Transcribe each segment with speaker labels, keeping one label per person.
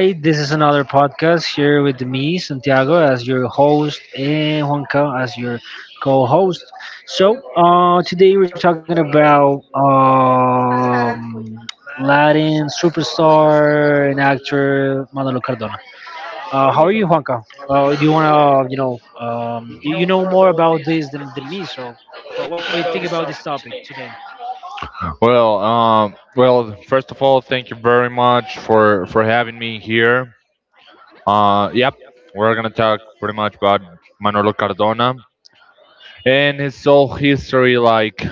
Speaker 1: Hi, this is another podcast here with me, Santiago, as your host, and Juanca as your co-host. Today we're talking about Latin superstar and actor Manolo Cardona. How are you, Juanca? Do you wanna, you know more about this than me, so what do you think about this topic today?
Speaker 2: Well, first of all, thank you very much for having me here. Uh, yep, we're gonna talk pretty much about Manolo Cardona and his whole history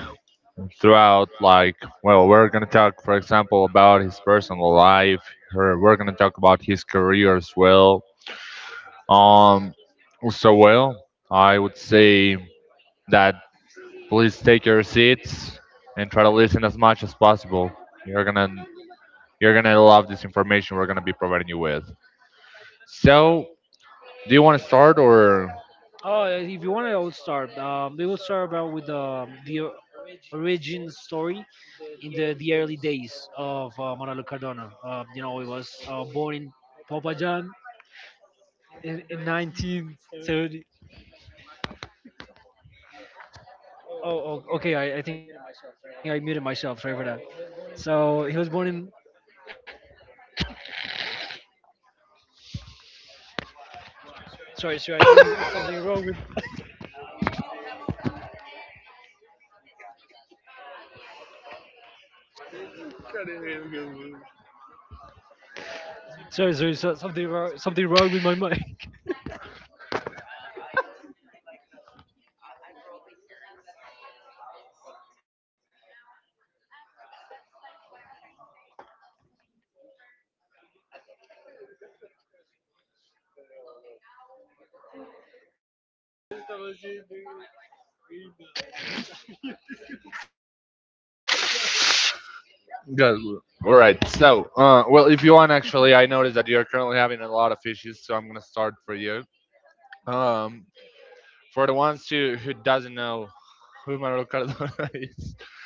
Speaker 2: throughout. We're gonna talk, for example, about his personal life. Or we're gonna talk about his career as well. Um, so well, I would say that please take your seats and try to listen as much as possible. You're gonna You're gonna love this information we're gonna be providing you with. So, do you want to start or?
Speaker 1: Oh, if you want, I will start. We will start about with the origin story in the early days of Manolo Cardona. You know, he was born in Popayan in 1970. Oh, oh, okay, I think I muted myself. Sorry for that. So he was born in. Sorry, sorry. I think it's something wrong with. Sorry, sorry. So, something wrong. Something wrong with my mic.
Speaker 2: Good. All right. So, well, if you want, actually, I noticed that you're currently having a lot of issues, so I'm gonna start for you. Um, for the ones who doesn't know who Manuel Cardona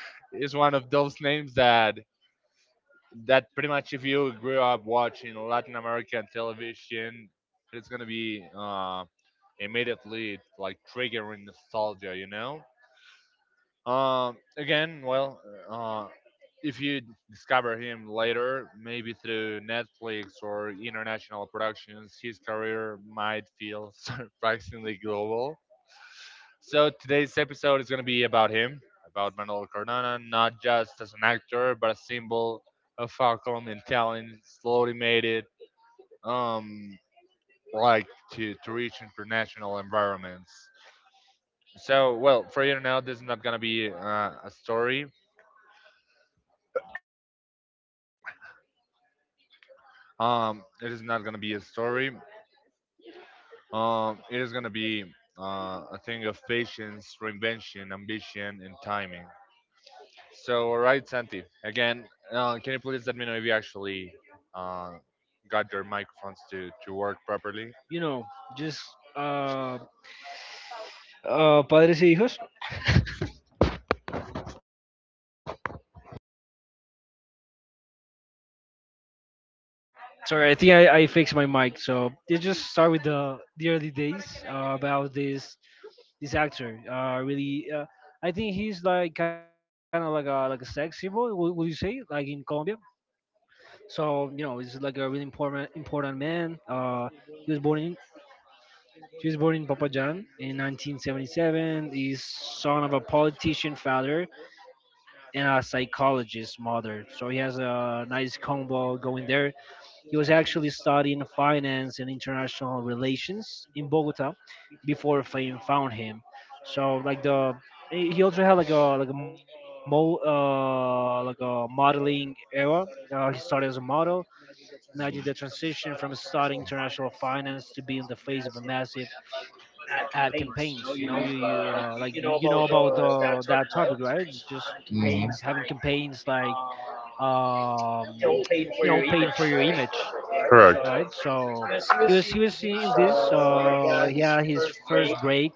Speaker 2: is one of those names that pretty much if you grew up watching Latin American television, it's gonna be immediately like triggering nostalgia, Um, again, well, uh, if you discover him later, maybe through Netflix or international productions, his career might feel surprisingly global. So today's episode is going to be about him, about Manuel Cardona, not just as an actor, but a symbol of how Colombian talent slowly made it, um, like to reach international environments. So, well, for you to know, this is not going to be a story it is not gonna be a story. It is gonna be a thing of patience, reinvention, ambition, and timing. So, all right, Santi. Again, can you please let me know if you actually uh, got your microphones to work properly?
Speaker 1: You know, just uh, padres y hijos. Sorry, I think I fixed my mic. So they just start with the early days about this actor really I think he's like kind of like a sex symbol, would you say, like in Colombia. So you know he's like a really important man. He was born in, he was born in Papajan in 1977. He's son of a politician father and a psychologist mother, so he has a nice combo going there. He was actually studying finance and international relations in Bogota before fame found him. So like the, he also had like a mo like a modeling era. He started as a model. Imagine the transition from studying international finance to being the face of a massive ad campaigns. You know, you like you know about that topic, right? Just having
Speaker 2: Mhm.
Speaker 1: campaigns like um you know paying for your image, right? So he was in this. He had his first break,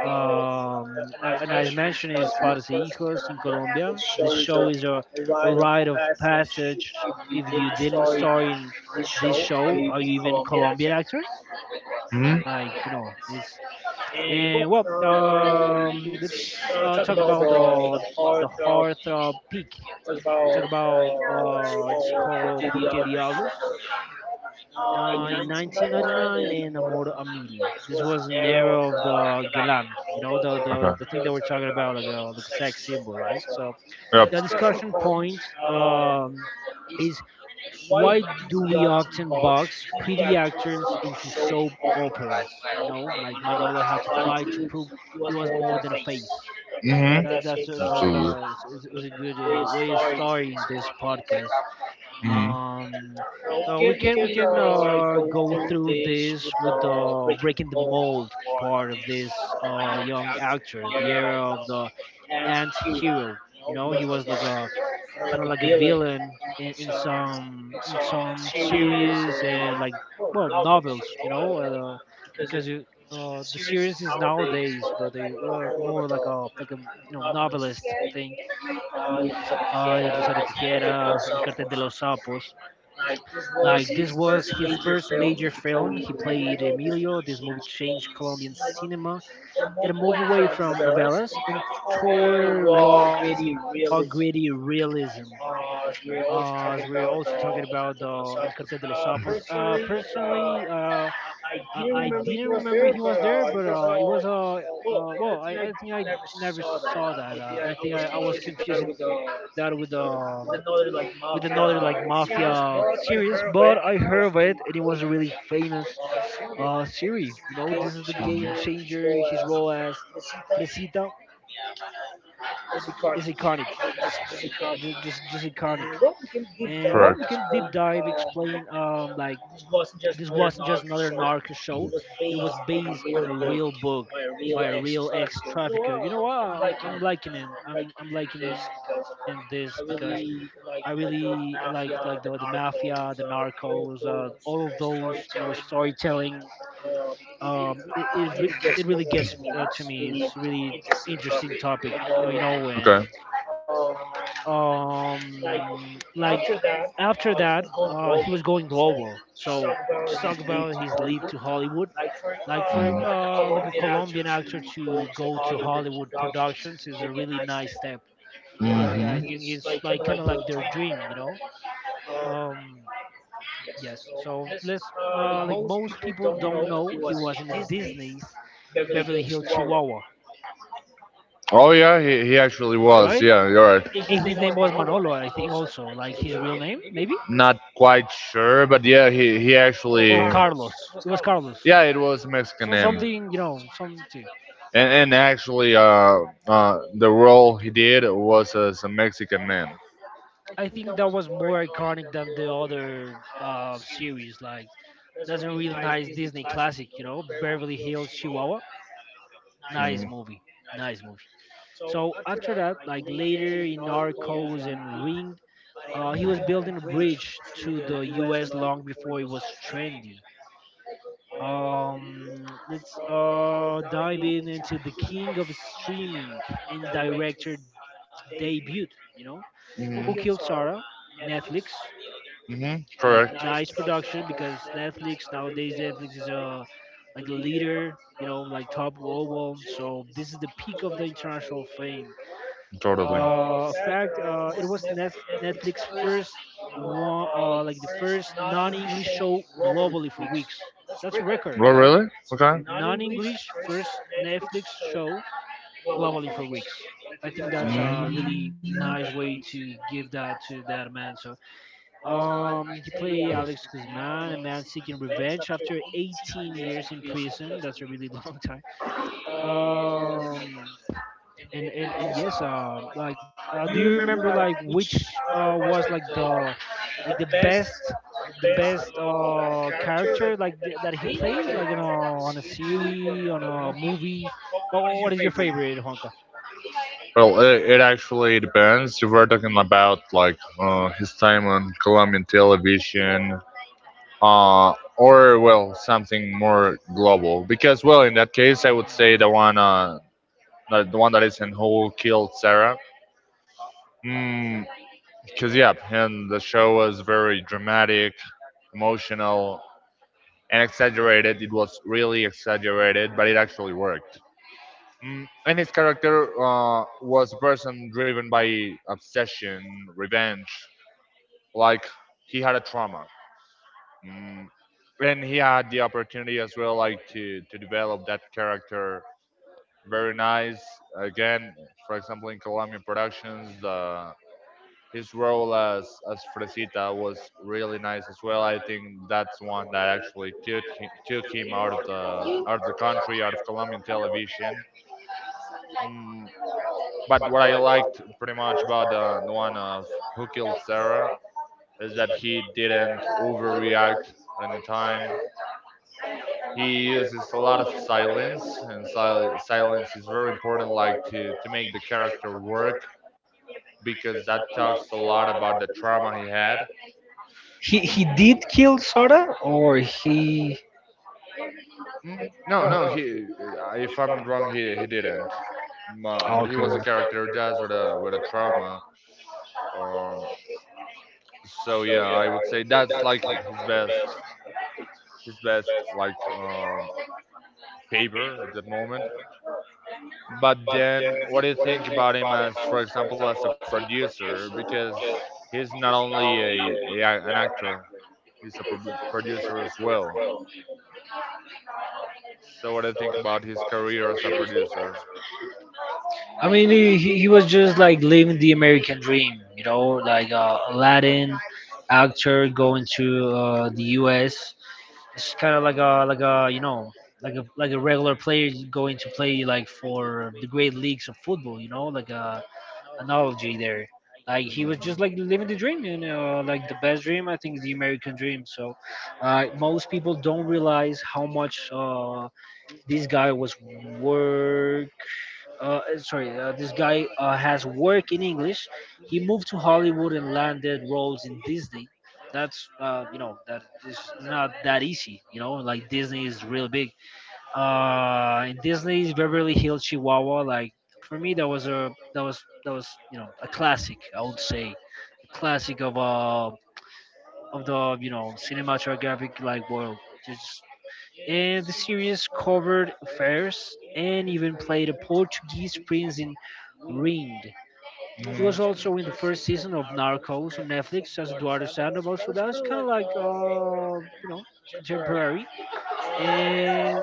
Speaker 1: and as mentioned, is Padres e Hijos in Colombia. This show is a rite of passage. If you didn't star in this show, are you even Colombian actor?
Speaker 2: hmm
Speaker 1: Like you know, is — and well, let's talk about the heartthrob peak. Talk about it's called Porque Diablos in 1999 and Amor a Mil. This was an era of the galan, you know, the the thing that we're talking about, like a sex symbol, right? So the discussion point, is, why do we often box pretty actors into soap operas? You know, like Manolo had to fight to prove he was more than a face.
Speaker 2: Mm-hmm.
Speaker 1: That that's is a
Speaker 2: Mm-hmm.
Speaker 1: is, is a good way of starting this podcast.
Speaker 2: And,
Speaker 1: Um, we can go through this with the breaking the mold part of this young actor, the era of the anti-hero. You know, he was like a kind of like a villain in some, in some series, and like well, novels. You know, because you, the series is nowadays, but they were more like a you know novelist thing. Rosario Tijeras, El Cartel de los Sapos — like this was his first major film. He played Emilio. This movie changed Colombian cinema. It moved away from novellas and toward raw, gritty realism. As we're also talking about El Cartel de los Sapos. Personally, I didn't remember he was there, but it was well, I think I never saw that. I think I was confusing that with another like mafia series, but I heard of it and it was a really famous series. You know, this is the game changer. His role as Fresita is iconic, just iconic. And well, we can deep dive explain like this wasn't just another narc show. It was based on a real book by a real ex trafficker. You know what? I'm liking it. I'm liking it this because I really like the mafia, the narcos, all of those you know storytelling. It really gets to me. It's really interesting topic, you know, and
Speaker 2: okay.
Speaker 1: like after that, he was going global. So just talk about his leap to Hollywood. Like for like a Colombian actor to go to Hollywood productions is a really nice step, right? I think it's like kind of like their dream, um, yes. So let's like most people don't know he was in the Disney's Beverly Hills Chihuahua,
Speaker 2: Oh yeah, he actually
Speaker 1: right?
Speaker 2: was. Yeah, you're right.
Speaker 1: And his name was Manolo, I think, also like his real name, maybe,
Speaker 2: Not quite sure, but yeah, he Oh,
Speaker 1: or
Speaker 2: actually.
Speaker 1: Carlos. It was Carlos.
Speaker 2: Yeah, it was a Mexican Something name.
Speaker 1: Something, you know, something.
Speaker 2: And actually, the role he did was as a Mexican man.
Speaker 1: I think that was more iconic than the other series. Like, that's a real nice Disney classic, you know, Beverly Hills Chihuahua. Nice
Speaker 2: Mm.
Speaker 1: movie. Nice movie. So after that, like later in Narcos and Ring. He was building a bridge to the U.S. long before it was trendy. Let's dive in into the king of streaming and director debut. You know who
Speaker 2: hmm
Speaker 1: killed Sarah? Netflix.
Speaker 2: hmm
Speaker 1: Like
Speaker 2: Correct.
Speaker 1: nice production because Netflix, nowadays Netflix is a like a leader. You know, like top global. So this is the peak of the international fame.
Speaker 2: Totally.
Speaker 1: Fact it was Netflix first one, like the first non-english show globally for weeks. That's a record,
Speaker 2: Oh,
Speaker 1: right?
Speaker 2: really? Okay.
Speaker 1: Non-english first Netflix show globally for weeks. I think that's a really nice way to give that to that man. So he played Alex Guzman, a man seeking revenge after 18 years in prison. That's a really long time. Um and yes, like do you remember like which was like the best, the best character like that he played like on a series, on a movie? What is your favorite, Juanca?
Speaker 2: Well, it actually depends. If we're talking about like his time on Colombian television, or well something more global, because well in
Speaker 1: Hmm.
Speaker 2: that case I would say the one, the one that is in Who Killed Sarah? Because yeah, and the show was very dramatic, emotional, and exaggerated. It was really exaggerated, but it actually worked. Mm, and his character, was a person driven by obsession, revenge, like he had a trauma. Mm, when he had the opportunity as well like to develop that character, very nice. Again, for example, in Colombian productions, his role as Fresita was really nice as well. I think that's one that actually took him out of the country, out of Colombian television. Mm, but what I liked pretty much about the one of Who Killed Sarah is that he didn't overreact at any time. He uses a lot of silence and silence is very important like to make the character work because that talks a lot about the trauma he had.
Speaker 1: He
Speaker 2: Mm,
Speaker 1: did kill Sora, or he —
Speaker 2: mm, no, no he If I'm not wrong, he didn't. But
Speaker 1: oh,
Speaker 2: he was a
Speaker 1: okay.
Speaker 2: character just with a trauma. Um, so yeah, I would say that's like his best, his best like, um, paper at that moment. But then, what do you think about him as, for example, as a producer? Because he's not only a an actor, he's a producer as well. So, what do you think about his career as a producer?
Speaker 1: I mean, he was just like living the American dream, you know, like a Latin actor going to the U.S. It's kind of like a you know like a regular player going to play like for the great leagues of football, you know, like a analogy there. Like he was just like living the dream, you know, like the best dream. I think is the American dream. So most people don't realize how much this guy was worth — this guy has work in English. He moved to Hollywood and landed roles in Disney. That's you know that is not that easy. You know, like Disney is really big. In Disney's Beverly Hills Chihuahua, like for me that was a that was, that was you know a classic. I would say a classic of the you know cinematographic like world. Just — and the series covered affairs and even played a Portuguese prince in Ringed. He was
Speaker 2: Mhm.
Speaker 1: also in the first season of Narcos on Netflix as Eduardo Sandoval, so that is kind of like you know contemporary. And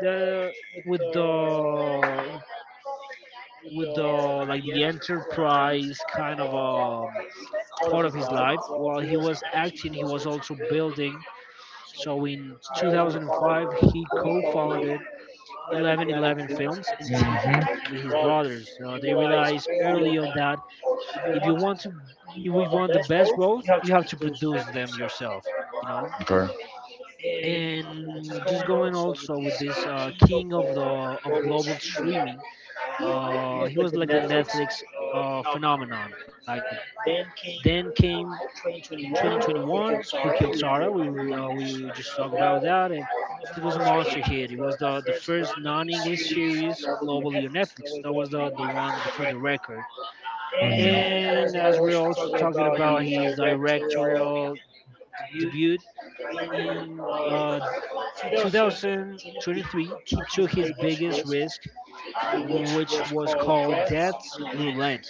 Speaker 1: the with the with the like the enterprise kind of part of his life. While he was acting, he was also building. So in 2005 he co-founded 1111 Films and TV
Speaker 2: Mhm.
Speaker 1: with his brothers. They realized early
Speaker 2: Mhm.
Speaker 1: on that if you want to, if we want the best roles, you have to produce them yourself. You know,
Speaker 2: Okay.
Speaker 1: and just going also with this king of the of global streaming. He was like the Netflix phenomenon. Like then came 2021, Who Killed Sarah? We just talked about that, and it was a monster hit. It was the first non-English series globally on Netflix. That was the one for the record. And as we're also talking about his directorial debut in 2023, he took his biggest risk, which was called Death's Roulette,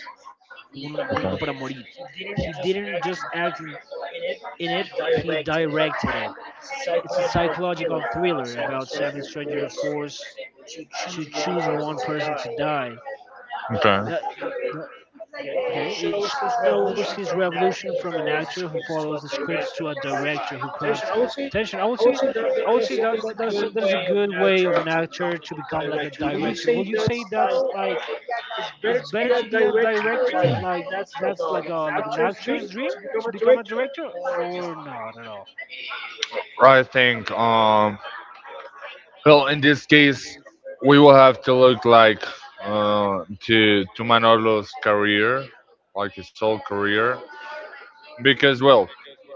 Speaker 1: Uno para Morir. He didn't just act in it; he directed it. It's a psychological thriller about seven strangers forced to choose one person to die.
Speaker 2: Okay.
Speaker 1: That, that- okay, it shows his revolution from an actor who follows the scripts to a director who crafts tension. I would say that, that is a good way of an actor to become like a director. Will you say that's like it's better to be a director? Like that's like a like an actor's dream to become a director, or not at all?
Speaker 2: I think, well, in this case, we will have to look like uh, to Manolo's career, like his whole career, because well,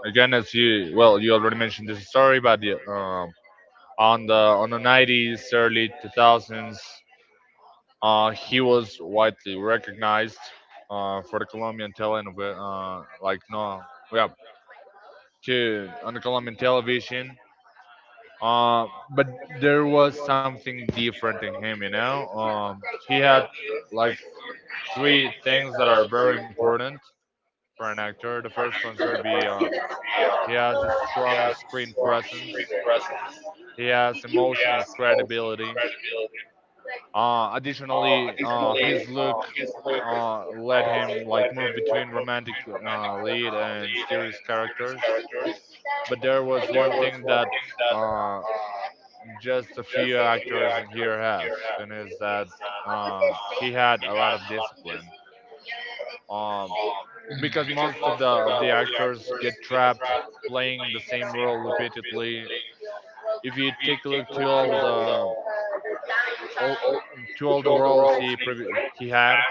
Speaker 2: again, as you well, you already mentioned this story, but the, on the on the nineties, early two thousands, he was widely recognized for the Colombian talent, like no, yeah, to on the Colombian television. Uh, but there was something different in him, you know. He had like three things that are very important for an actor. The first one's gonna be he has a strong screen presence. He has emotional credibility. Additionally, his look let him like move between romantic lead and serious characters. But there was one thing that uh, just a few actors in here have, and is that he had a lot of discipline. Um, because most of the actors get trapped playing the same role repeatedly. If you take a look to all the all to all the roles he had,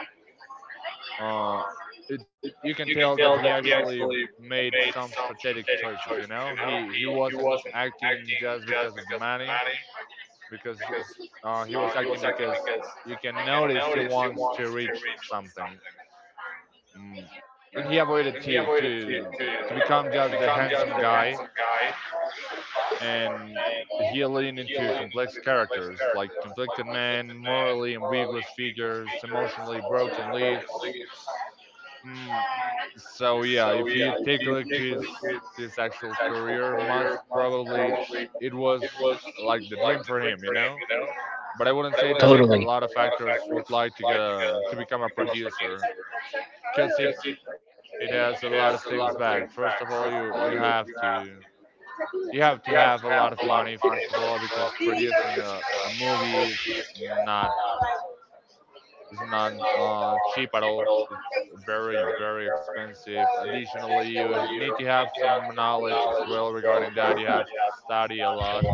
Speaker 2: uh, it, you can tell that he actually made some strategic choices. You know, he wasn't acting just because of the money, because he was acting because you can notice he wants to reach something, mm. and he avoided to become just the handsome guy, and he leaned into complex characters like conflicted men, morally ambiguous figures, emotionally broken leads. Mm. So yeah, if you take a look to his actual career, must probably it was like the dream for him, you know. But I wouldn't say that a lot of actors would like to get to become a producer, because it has a lot of things back. First of all, you have to have a lot of money first of all, because producing a movie is not not cheap at all. It's very, very expensive. Additionally, you need to have some knowledge as well regarding that. You have to study a lot,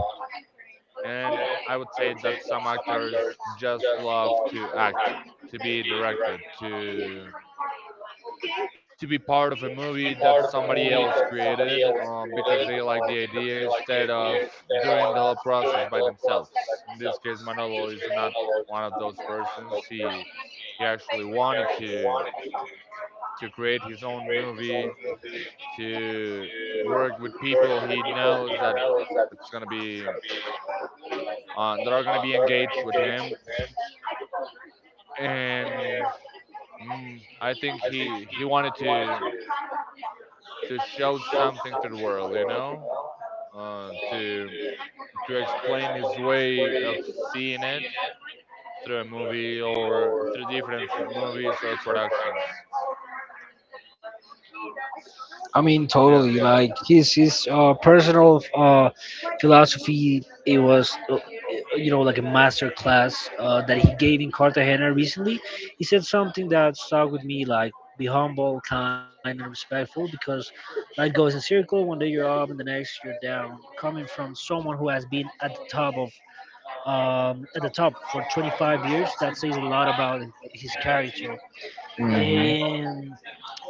Speaker 2: and I would say that some actors just love to act, to be directed, to be part of a movie that somebody else created, because they like the idea instead of doing the whole process by themselves. In this case, Manolo is not one of those persons. He actually wanted to create his own movie, to work with people he knows that it's gonna be that are gonna be engaged with him, and mm, I think he wanted to show something to the world, you know, uh, to to explain his way of seeing it through a movie or through different movies or productions.
Speaker 1: I mean,
Speaker 2: But
Speaker 1: totally.
Speaker 2: yeah.
Speaker 1: Like his personal philosophy, it was you know like a master class that he gave in Cartagena recently. He said something that stuck with me, like, be humble, kind, and respectful, because life goes in circle. One day you're up, and the next you're down. Coming from someone who has been at the top of at the top for 25 years, that says a lot about his character. And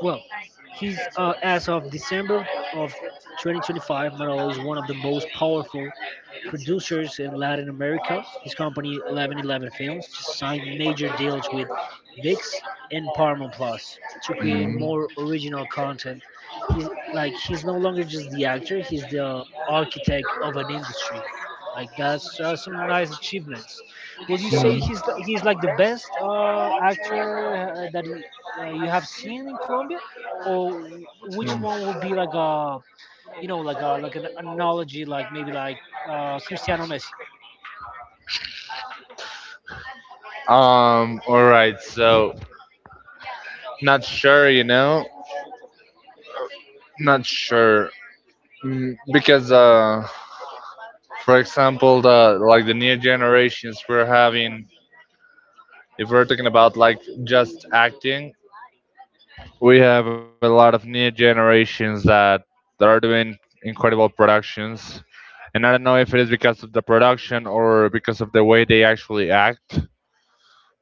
Speaker 1: he's as of December of 2025, Morales is one of the most powerful producers in Latin America. His company, 1111 Films, just signed major deals with VIX and Paramount Plus to create
Speaker 2: mm,
Speaker 1: more original content. He's he's no longer just the actor; he's the architect of an industry. That's some nice achievements. Would you say
Speaker 2: mm,
Speaker 1: he's like the best actor that you have seen in Colombia, or which
Speaker 2: mm.
Speaker 1: one would be like a like an analogy, like maybe like Cristiano Messi?
Speaker 2: All right. So not sure, you know, not sure. Mm, because for example, the like the new generations we're having. If we're talking about like just acting, we have a lot of new generations that are doing incredible productions, and I don't know if it is because of the production or because of the way they actually act.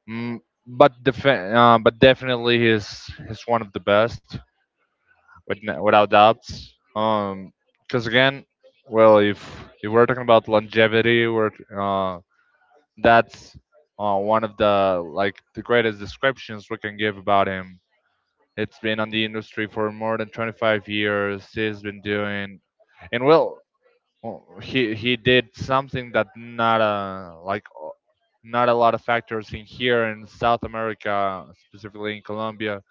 Speaker 2: Mm, But definitely he's one of the best, without doubts. Um, because again, well, if we're talking about longevity, we're uh that's one of the like the greatest descriptions we can give about him. It's been on the industry for more than 25 years. He's been doing, and well, well, he did something that not a not a lot of factors in here in South America, specifically in Colombia,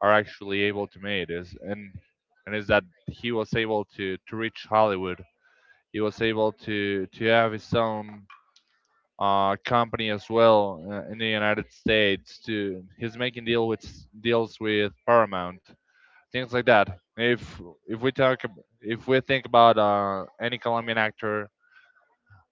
Speaker 2: are actually able to make is, and is that he was able to reach Hollywood. He was able to have his own company as well in the United States. To he's making deals with Paramount, things like that. If we talk, if we think about any Colombian actor,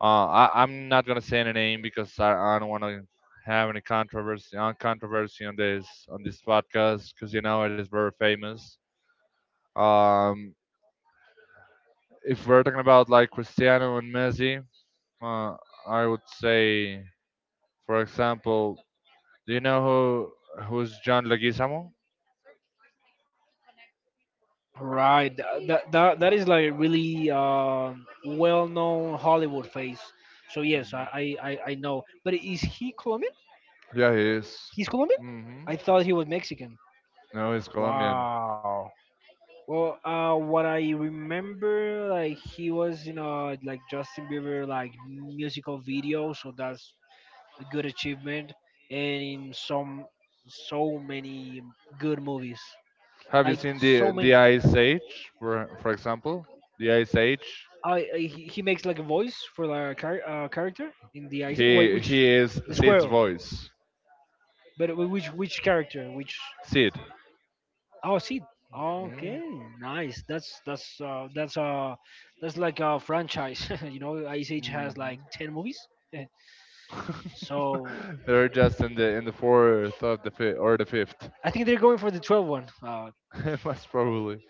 Speaker 2: I'm not gonna say any name because I don't want to have any controversy on this podcast, because you know it is very famous. Um, if we're talking about like Cristiano and Messi, uh, I would say, for example, do you know who's John Leguizamo?
Speaker 1: Right. That is like really well-known Hollywood face. So yes, I know. But is he Colombian?
Speaker 2: Yeah, he is.
Speaker 1: He's Colombian?
Speaker 2: Hmm
Speaker 1: I thought he was Mexican.
Speaker 2: No, he's Colombian.
Speaker 1: Wow. Well, what I remember, like he was in a like Justin Bieber like musical video, so that's a good achievement, and in some so many good movies.
Speaker 2: Have you
Speaker 1: Like
Speaker 2: seen the
Speaker 1: so many.
Speaker 2: Ice Age, for example? The Ice Age.
Speaker 1: I he makes like a voice for like a character in the Isaac. Wait, which
Speaker 2: He is
Speaker 1: the
Speaker 2: Sid's
Speaker 1: squirrel?
Speaker 2: voice.
Speaker 1: But which character? Which
Speaker 2: Sid.
Speaker 1: oh, see.
Speaker 2: Mm-hmm.
Speaker 1: Okay, nice. That's like a franchise. You know, Ice Age has like 10 movies. So
Speaker 2: They're just in the fourth of the or the fifth.
Speaker 1: I think they're going for the twelve one.
Speaker 2: Most probably.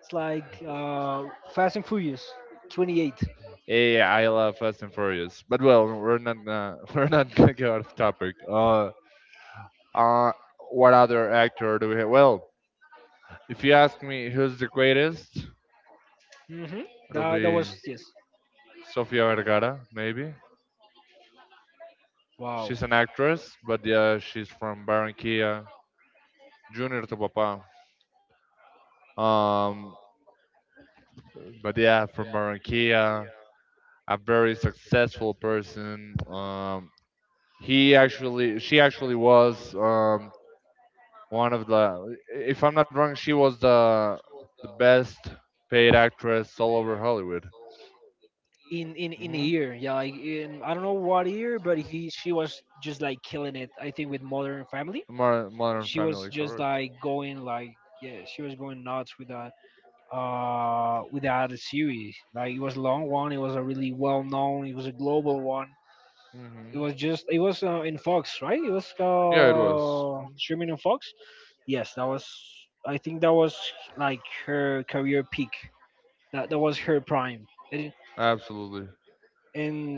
Speaker 1: It's like Fast and Furious 28.
Speaker 2: Yeah, I love Fast and Furious. But well, we're not gonna we're not gonna get out of topic. Uh, what other actor do we have? Well, if you ask me who's the greatest,
Speaker 1: Mm-hmm.
Speaker 2: it'll
Speaker 1: That that
Speaker 2: be
Speaker 1: was yes.
Speaker 2: Sofia Vergara, maybe. She's
Speaker 1: Wow.
Speaker 2: an actress, but yeah, she's from Barranquilla, Junior to Papa. Um, but yeah, from Barranquilla, a very successful person. Um, she actually was, one of the, if I'm not wrong, she was the best paid actress all over Hollywood.
Speaker 1: In in a year, yeah,
Speaker 2: Hmm
Speaker 1: like in I don't know what year, but he she was just like killing it, I think, with Modern Family. She
Speaker 2: Modern,
Speaker 1: was
Speaker 2: Family,
Speaker 1: just
Speaker 2: correct?
Speaker 1: like going, like, yeah, she was going nuts with that, with that series. Like it was a long one, it was a really well known, it was a global one. It
Speaker 2: Hmm
Speaker 1: was just it was in Fox, right? It was
Speaker 2: Yeah, it was. Mhm.
Speaker 1: streaming in Fox. Yes, that was, I think that was like her career peak. That that was her prime, and
Speaker 2: Absolutely.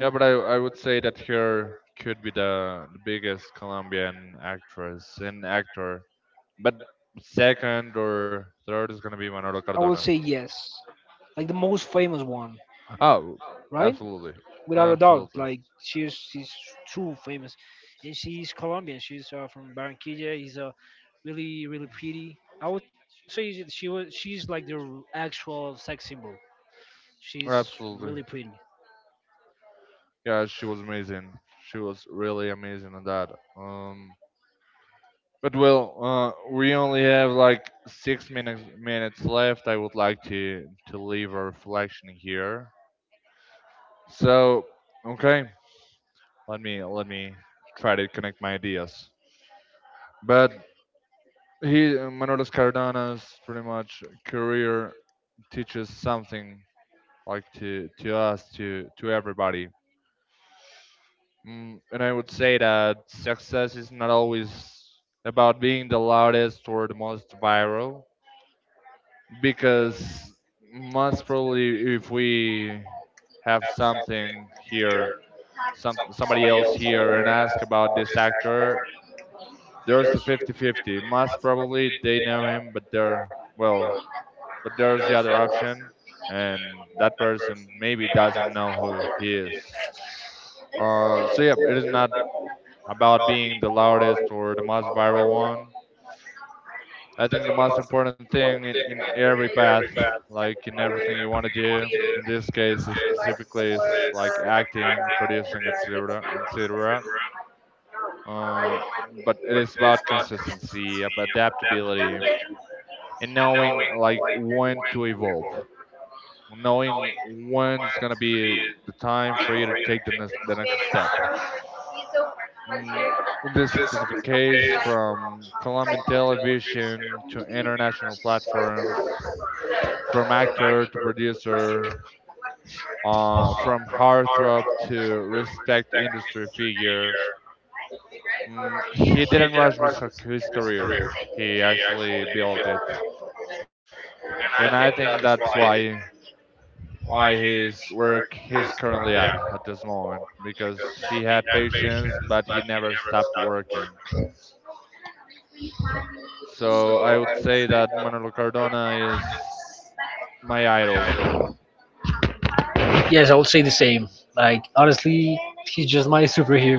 Speaker 2: Yeah, but I would say that here could be the biggest Colombian actress and actor. But second or third is gonna be Manolo
Speaker 1: I will say
Speaker 2: Cardona.
Speaker 1: yes, like the most famous one,
Speaker 2: Oh,
Speaker 1: right?
Speaker 2: absolutely,
Speaker 1: Without a doubt,
Speaker 2: absolutely,
Speaker 1: like she's too famous, and she's Colombian. She's from Barranquilla. He's really really pretty. I would say that she's like the actual sex symbol. She's really
Speaker 2: absolutely.
Speaker 1: pretty.
Speaker 2: Yeah, she was amazing. She was really amazing on that. Um, but well, we only have like six minutes left. I would like to leave a reflection here. So, okay, let me try to connect my ideas. But Manolo Cardano's pretty much career teaches something like to us, to everybody. And I would say that success is not always about being the loudest or the most viral, because most probably if we have something here, somebody else here, and ask about this actor, there's a fifty-fifty. 50, most probably they know him, but they're, well, but there's the other option, and that person maybe doesn't know who he is. So yeah, it is not about being the loudest or the most viral one. I think the most important thing in every path, like in everything you want to do, in this case is specifically is like acting, producing, etc., etc. Uh, but it is about consistency, about adaptability, and knowing like when to evolve. Knowing when's gonna be the time for you to take the next step. Mm, in this specific case, from Colombian television to international platforms, from actor to producer, from heartthrob to respect industry figure, he didn't rush his career. He actually built it, and I think that's why his work he's currently at this moment because he had patience but he never stopped working. So I would say that Manolo Cardona is my idol.
Speaker 1: Yes, I would say the same. Like, honestly, he's just my superhero.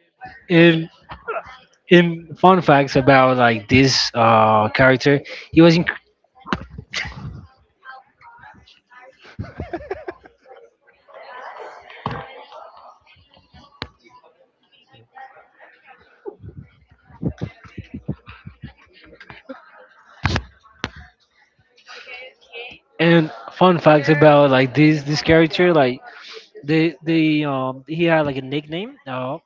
Speaker 1: And in fun facts about like this character he was in, and fun facts about like this character, like the he had like a nickname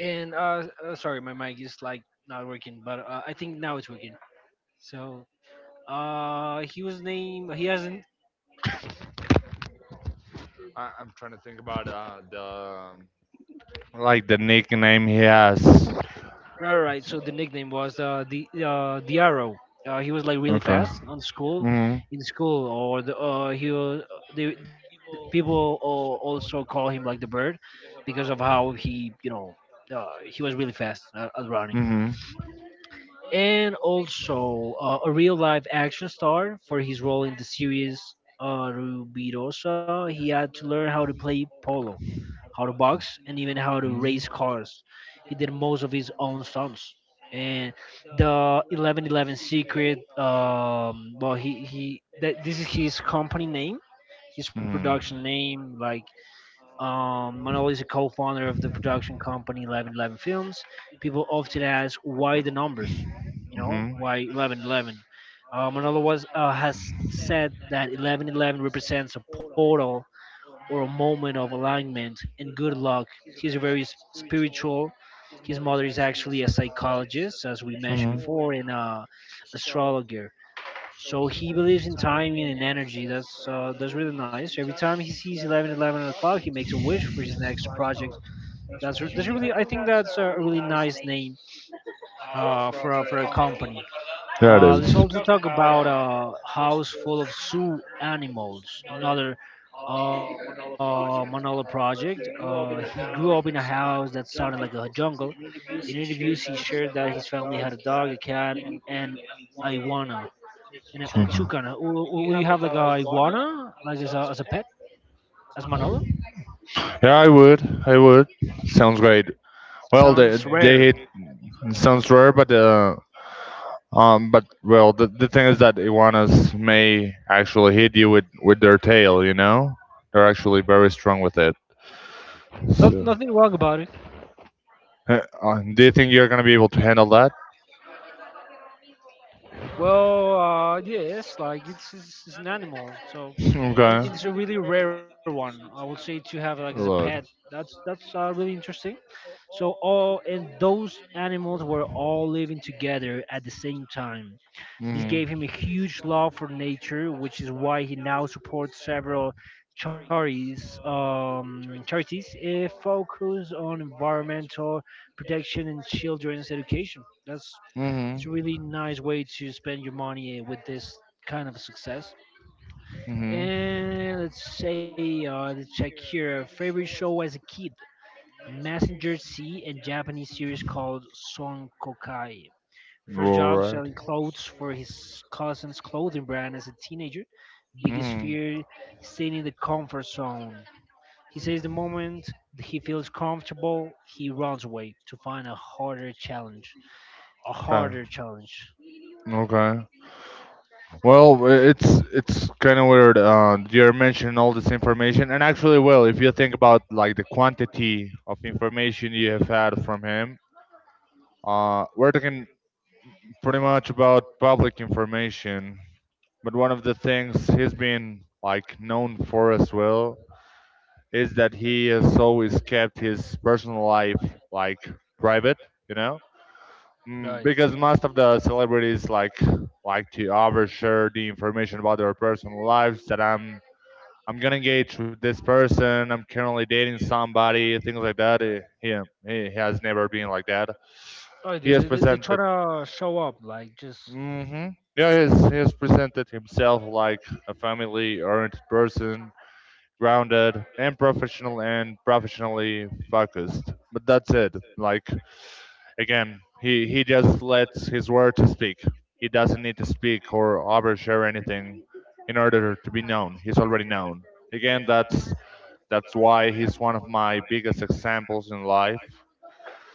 Speaker 1: and sorry, my mic is like not working, but I think now it's working. So he was named, he has a
Speaker 2: I'm trying to think about the like the nickname he has.
Speaker 1: right, right, right. So the nickname was the Arrow. He was like really
Speaker 2: Okay.
Speaker 1: fast on school,
Speaker 2: Mhm.
Speaker 1: in school, or the he was, the people also call him like the Bird because of how he, you know, he was really fast at running.
Speaker 2: Mhm.
Speaker 1: And also a real life action star for his role in the series Rubirosa. He had to learn how to play polo, how to box, and even how to
Speaker 2: Mhm.
Speaker 1: race cars. He did most of his own stunts. And the 1111 Secret, well, this is his company name, his
Speaker 2: Mhm.
Speaker 1: production name. Like, Manolo is a co-founder of the production company 1111 Films. People often ask why the numbers, you know,
Speaker 2: Hmm.
Speaker 1: why 1111. Manolo was has said that 1111 represents a portal or a moment of alignment and good luck. He's a very spiritual. His mother is actually a psychologist, as we mentioned
Speaker 2: Hmm.
Speaker 1: before, and a astrologer. So he believes in timing and energy. That's really nice. Every time he sees 11:11, he makes a wish for his next project. That's really, I think that's a really nice name for a company.
Speaker 2: so.
Speaker 1: Let's also talk about a house full of zoo animals. Another Manola project. He grew up in a house that sounded like a jungle. In interviews, he shared that his family had a dog, a cat, and a iguana, and and a
Speaker 2: Hmm.
Speaker 1: chucana. Will you have like a iguana, like as a pet, as Manolo?
Speaker 2: Yeah, I would. I would. Sounds great. Well,
Speaker 1: Sounds
Speaker 2: they
Speaker 1: rare.
Speaker 2: hit sounds rare, but well, the thing is that iguanas may actually hit you with their tail. You know, they're actually very strong with it.
Speaker 1: Not
Speaker 2: So.
Speaker 1: nothing wrong about it.
Speaker 2: Do you think you're gonna be able to handle that?
Speaker 1: Well, yes, like it's it's an animal, so, and
Speaker 2: okay.
Speaker 1: it's a really rare one, I would say, to have like as a pet.
Speaker 2: Lord.
Speaker 1: That's really interesting. So all and those animals were all living together at the same time. This
Speaker 2: Hmm.
Speaker 1: gave him a huge love for nature, which is why he now supports several charities, charities focused on environmental protection and children's education. That's
Speaker 2: Hmm.
Speaker 1: it's a really nice way to spend your money with this kind of success.
Speaker 2: Hmm.
Speaker 1: And let's say, let's check here. Favorite show as a kid: Messenger C and Japanese series called Son Kokai. First job:
Speaker 2: Alright.
Speaker 1: selling clothes for his cousin's clothing brand as a teenager. Biggest
Speaker 2: Hmm.
Speaker 1: fear: staying in the comfort zone. He says the moment he feels comfortable, he runs away to find a harder challenge. A
Speaker 2: Okay.
Speaker 1: harder challenge.
Speaker 2: Okay. Well, it's kind of weird. You're mentioning all this information, and actually, well, if you think about like the quantity of information you have had from him, we're talking pretty much about public information. But one of the things he's been like known for as well is that he has always kept his personal life like private, you know,
Speaker 1: Right.
Speaker 2: mm, because most of the celebrities like to overshare the information about their personal lives that I'm gonna engage with this person. I'm currently dating somebody, things like that. Eh, He has never been like that.
Speaker 1: Oh,
Speaker 2: He has
Speaker 1: they're
Speaker 2: presented.
Speaker 1: trying to show up. Like, just
Speaker 2: Hmm. Yeah, he has presented himself like a family-oriented person, grounded and professional and professionally focused. But that's it. Like again, he just lets his word to speak. He doesn't need to speak or overshare anything in order to be known. He's already known. Again, that's why he's one of my biggest examples in life.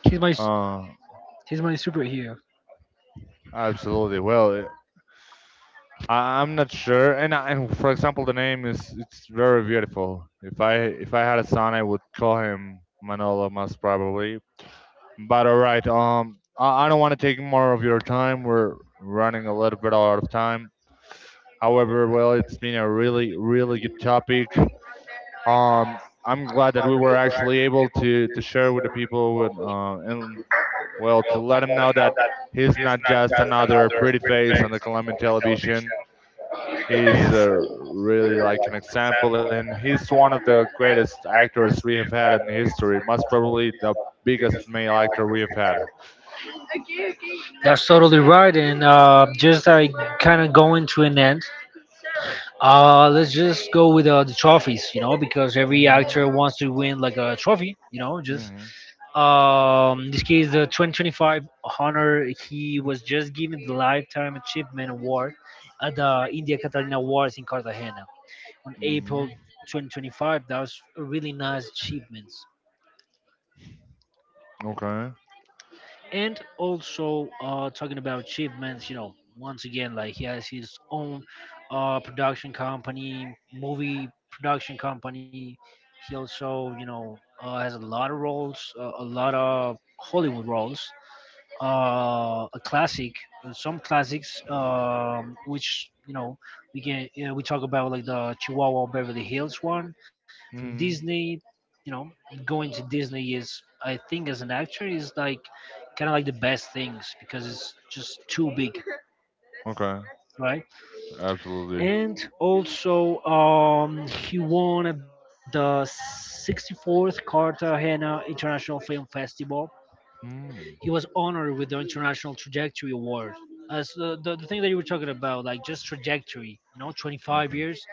Speaker 1: he's my
Speaker 2: Uh,
Speaker 1: he's my superhero.
Speaker 2: absolutely. Well, eh, I'm not sure. And for example, the name is it's very beautiful. If I had a son, I would call him Manolo, most probably. But all right. I don't want to take more of your time. We're running a little bit out of time. However, well, it's been a really really good topic. I'm glad that we were actually able to share with the people with and well, to let him know that he's not just another pretty face on the Colombian television. He's really like an example, and he's one of the greatest actors we have had in history. Most probably the biggest male actor we have had.
Speaker 1: That's totally right. And just like kind of going to an end, let's just go with the trophies, you know, because every
Speaker 2: Hmm.
Speaker 1: actor wants to win like a trophy, you know, just.
Speaker 2: Hmm.
Speaker 1: This case, the 2025 honor, he was just given the Lifetime Achievement Award at the India Catalina Awards in Cartagena on April
Speaker 2: Hmm.
Speaker 1: 2025. That was a really nice achievement.
Speaker 2: Okay.
Speaker 1: And also talking about achievements, you know, once again, like he has his own production company, movie production company. He also, you know, has a lot of roles, a lot of Hollywood roles, a classic, some classics, which, you know, we can, you know, we talk about like the Chihuahua Beverly Hills one from
Speaker 2: Hmm.
Speaker 1: Disney. You know, going to Disney is, I think, as an actor, is like kind of like the best things because it's just too big,
Speaker 2: Okay.
Speaker 1: right?
Speaker 2: Absolutely.
Speaker 1: And also, he won at the 64th Cartagena International Film Festival.
Speaker 2: It
Speaker 1: He
Speaker 2: was.
Speaker 1: was honored with the International Trajectory Award. As the thing that you were talking about, like just trajectory, you know, 25 years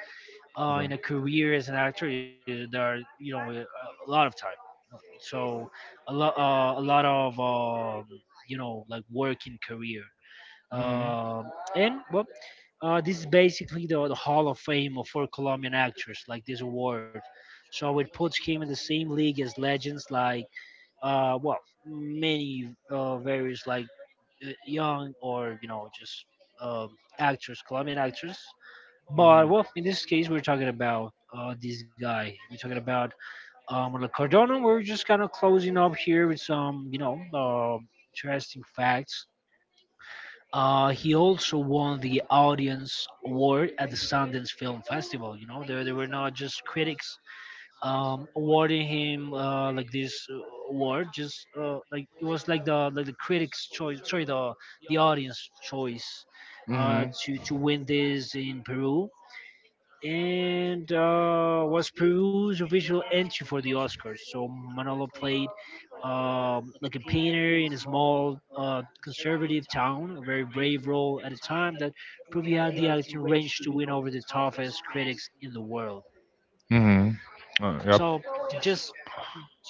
Speaker 1: in a career as an actor, eh, there are, you know, a lot of time. So a lot of, you know, like work in career.
Speaker 2: Mm-hmm.
Speaker 1: Um, and, well, this is basically the Hall of Fame of for Colombian actors, like this award. So it puts him in the same league as legends like uh, well, many various, like, young, or, you know, just um actors, Colombian actors. But well, in this case, we're talking about this guy. We're talking about Orlando Cardona. We're just kind of closing up here with some, you know, um, interesting facts. He also won the Audience Award at the Sundance Film Festival. You know, there were not just critics awarding him like this award. Just like it was like the critics' choice, sorry, the audience choice
Speaker 2: Mm-hmm.
Speaker 1: to win this in Peru, and was Peru's official entry for the Oscars. So Manolo played like a painter in a small conservative town, a very brave role at a time that proved he had the acting range to win over the toughest critics in the world.
Speaker 2: Mm-hmm. Uh,
Speaker 1: So just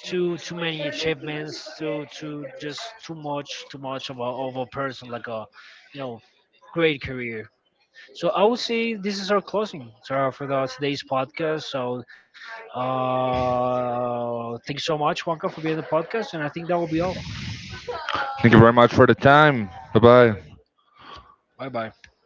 Speaker 1: too too many achievements, too too just too much of a person, like a, you know, great career. So I would say this is our closing for the, today's podcast. So thanks so much, Wonka, for being on the podcast, and I think that will be all.
Speaker 2: thank you very much for the time. Bye bye.
Speaker 1: Bye bye. You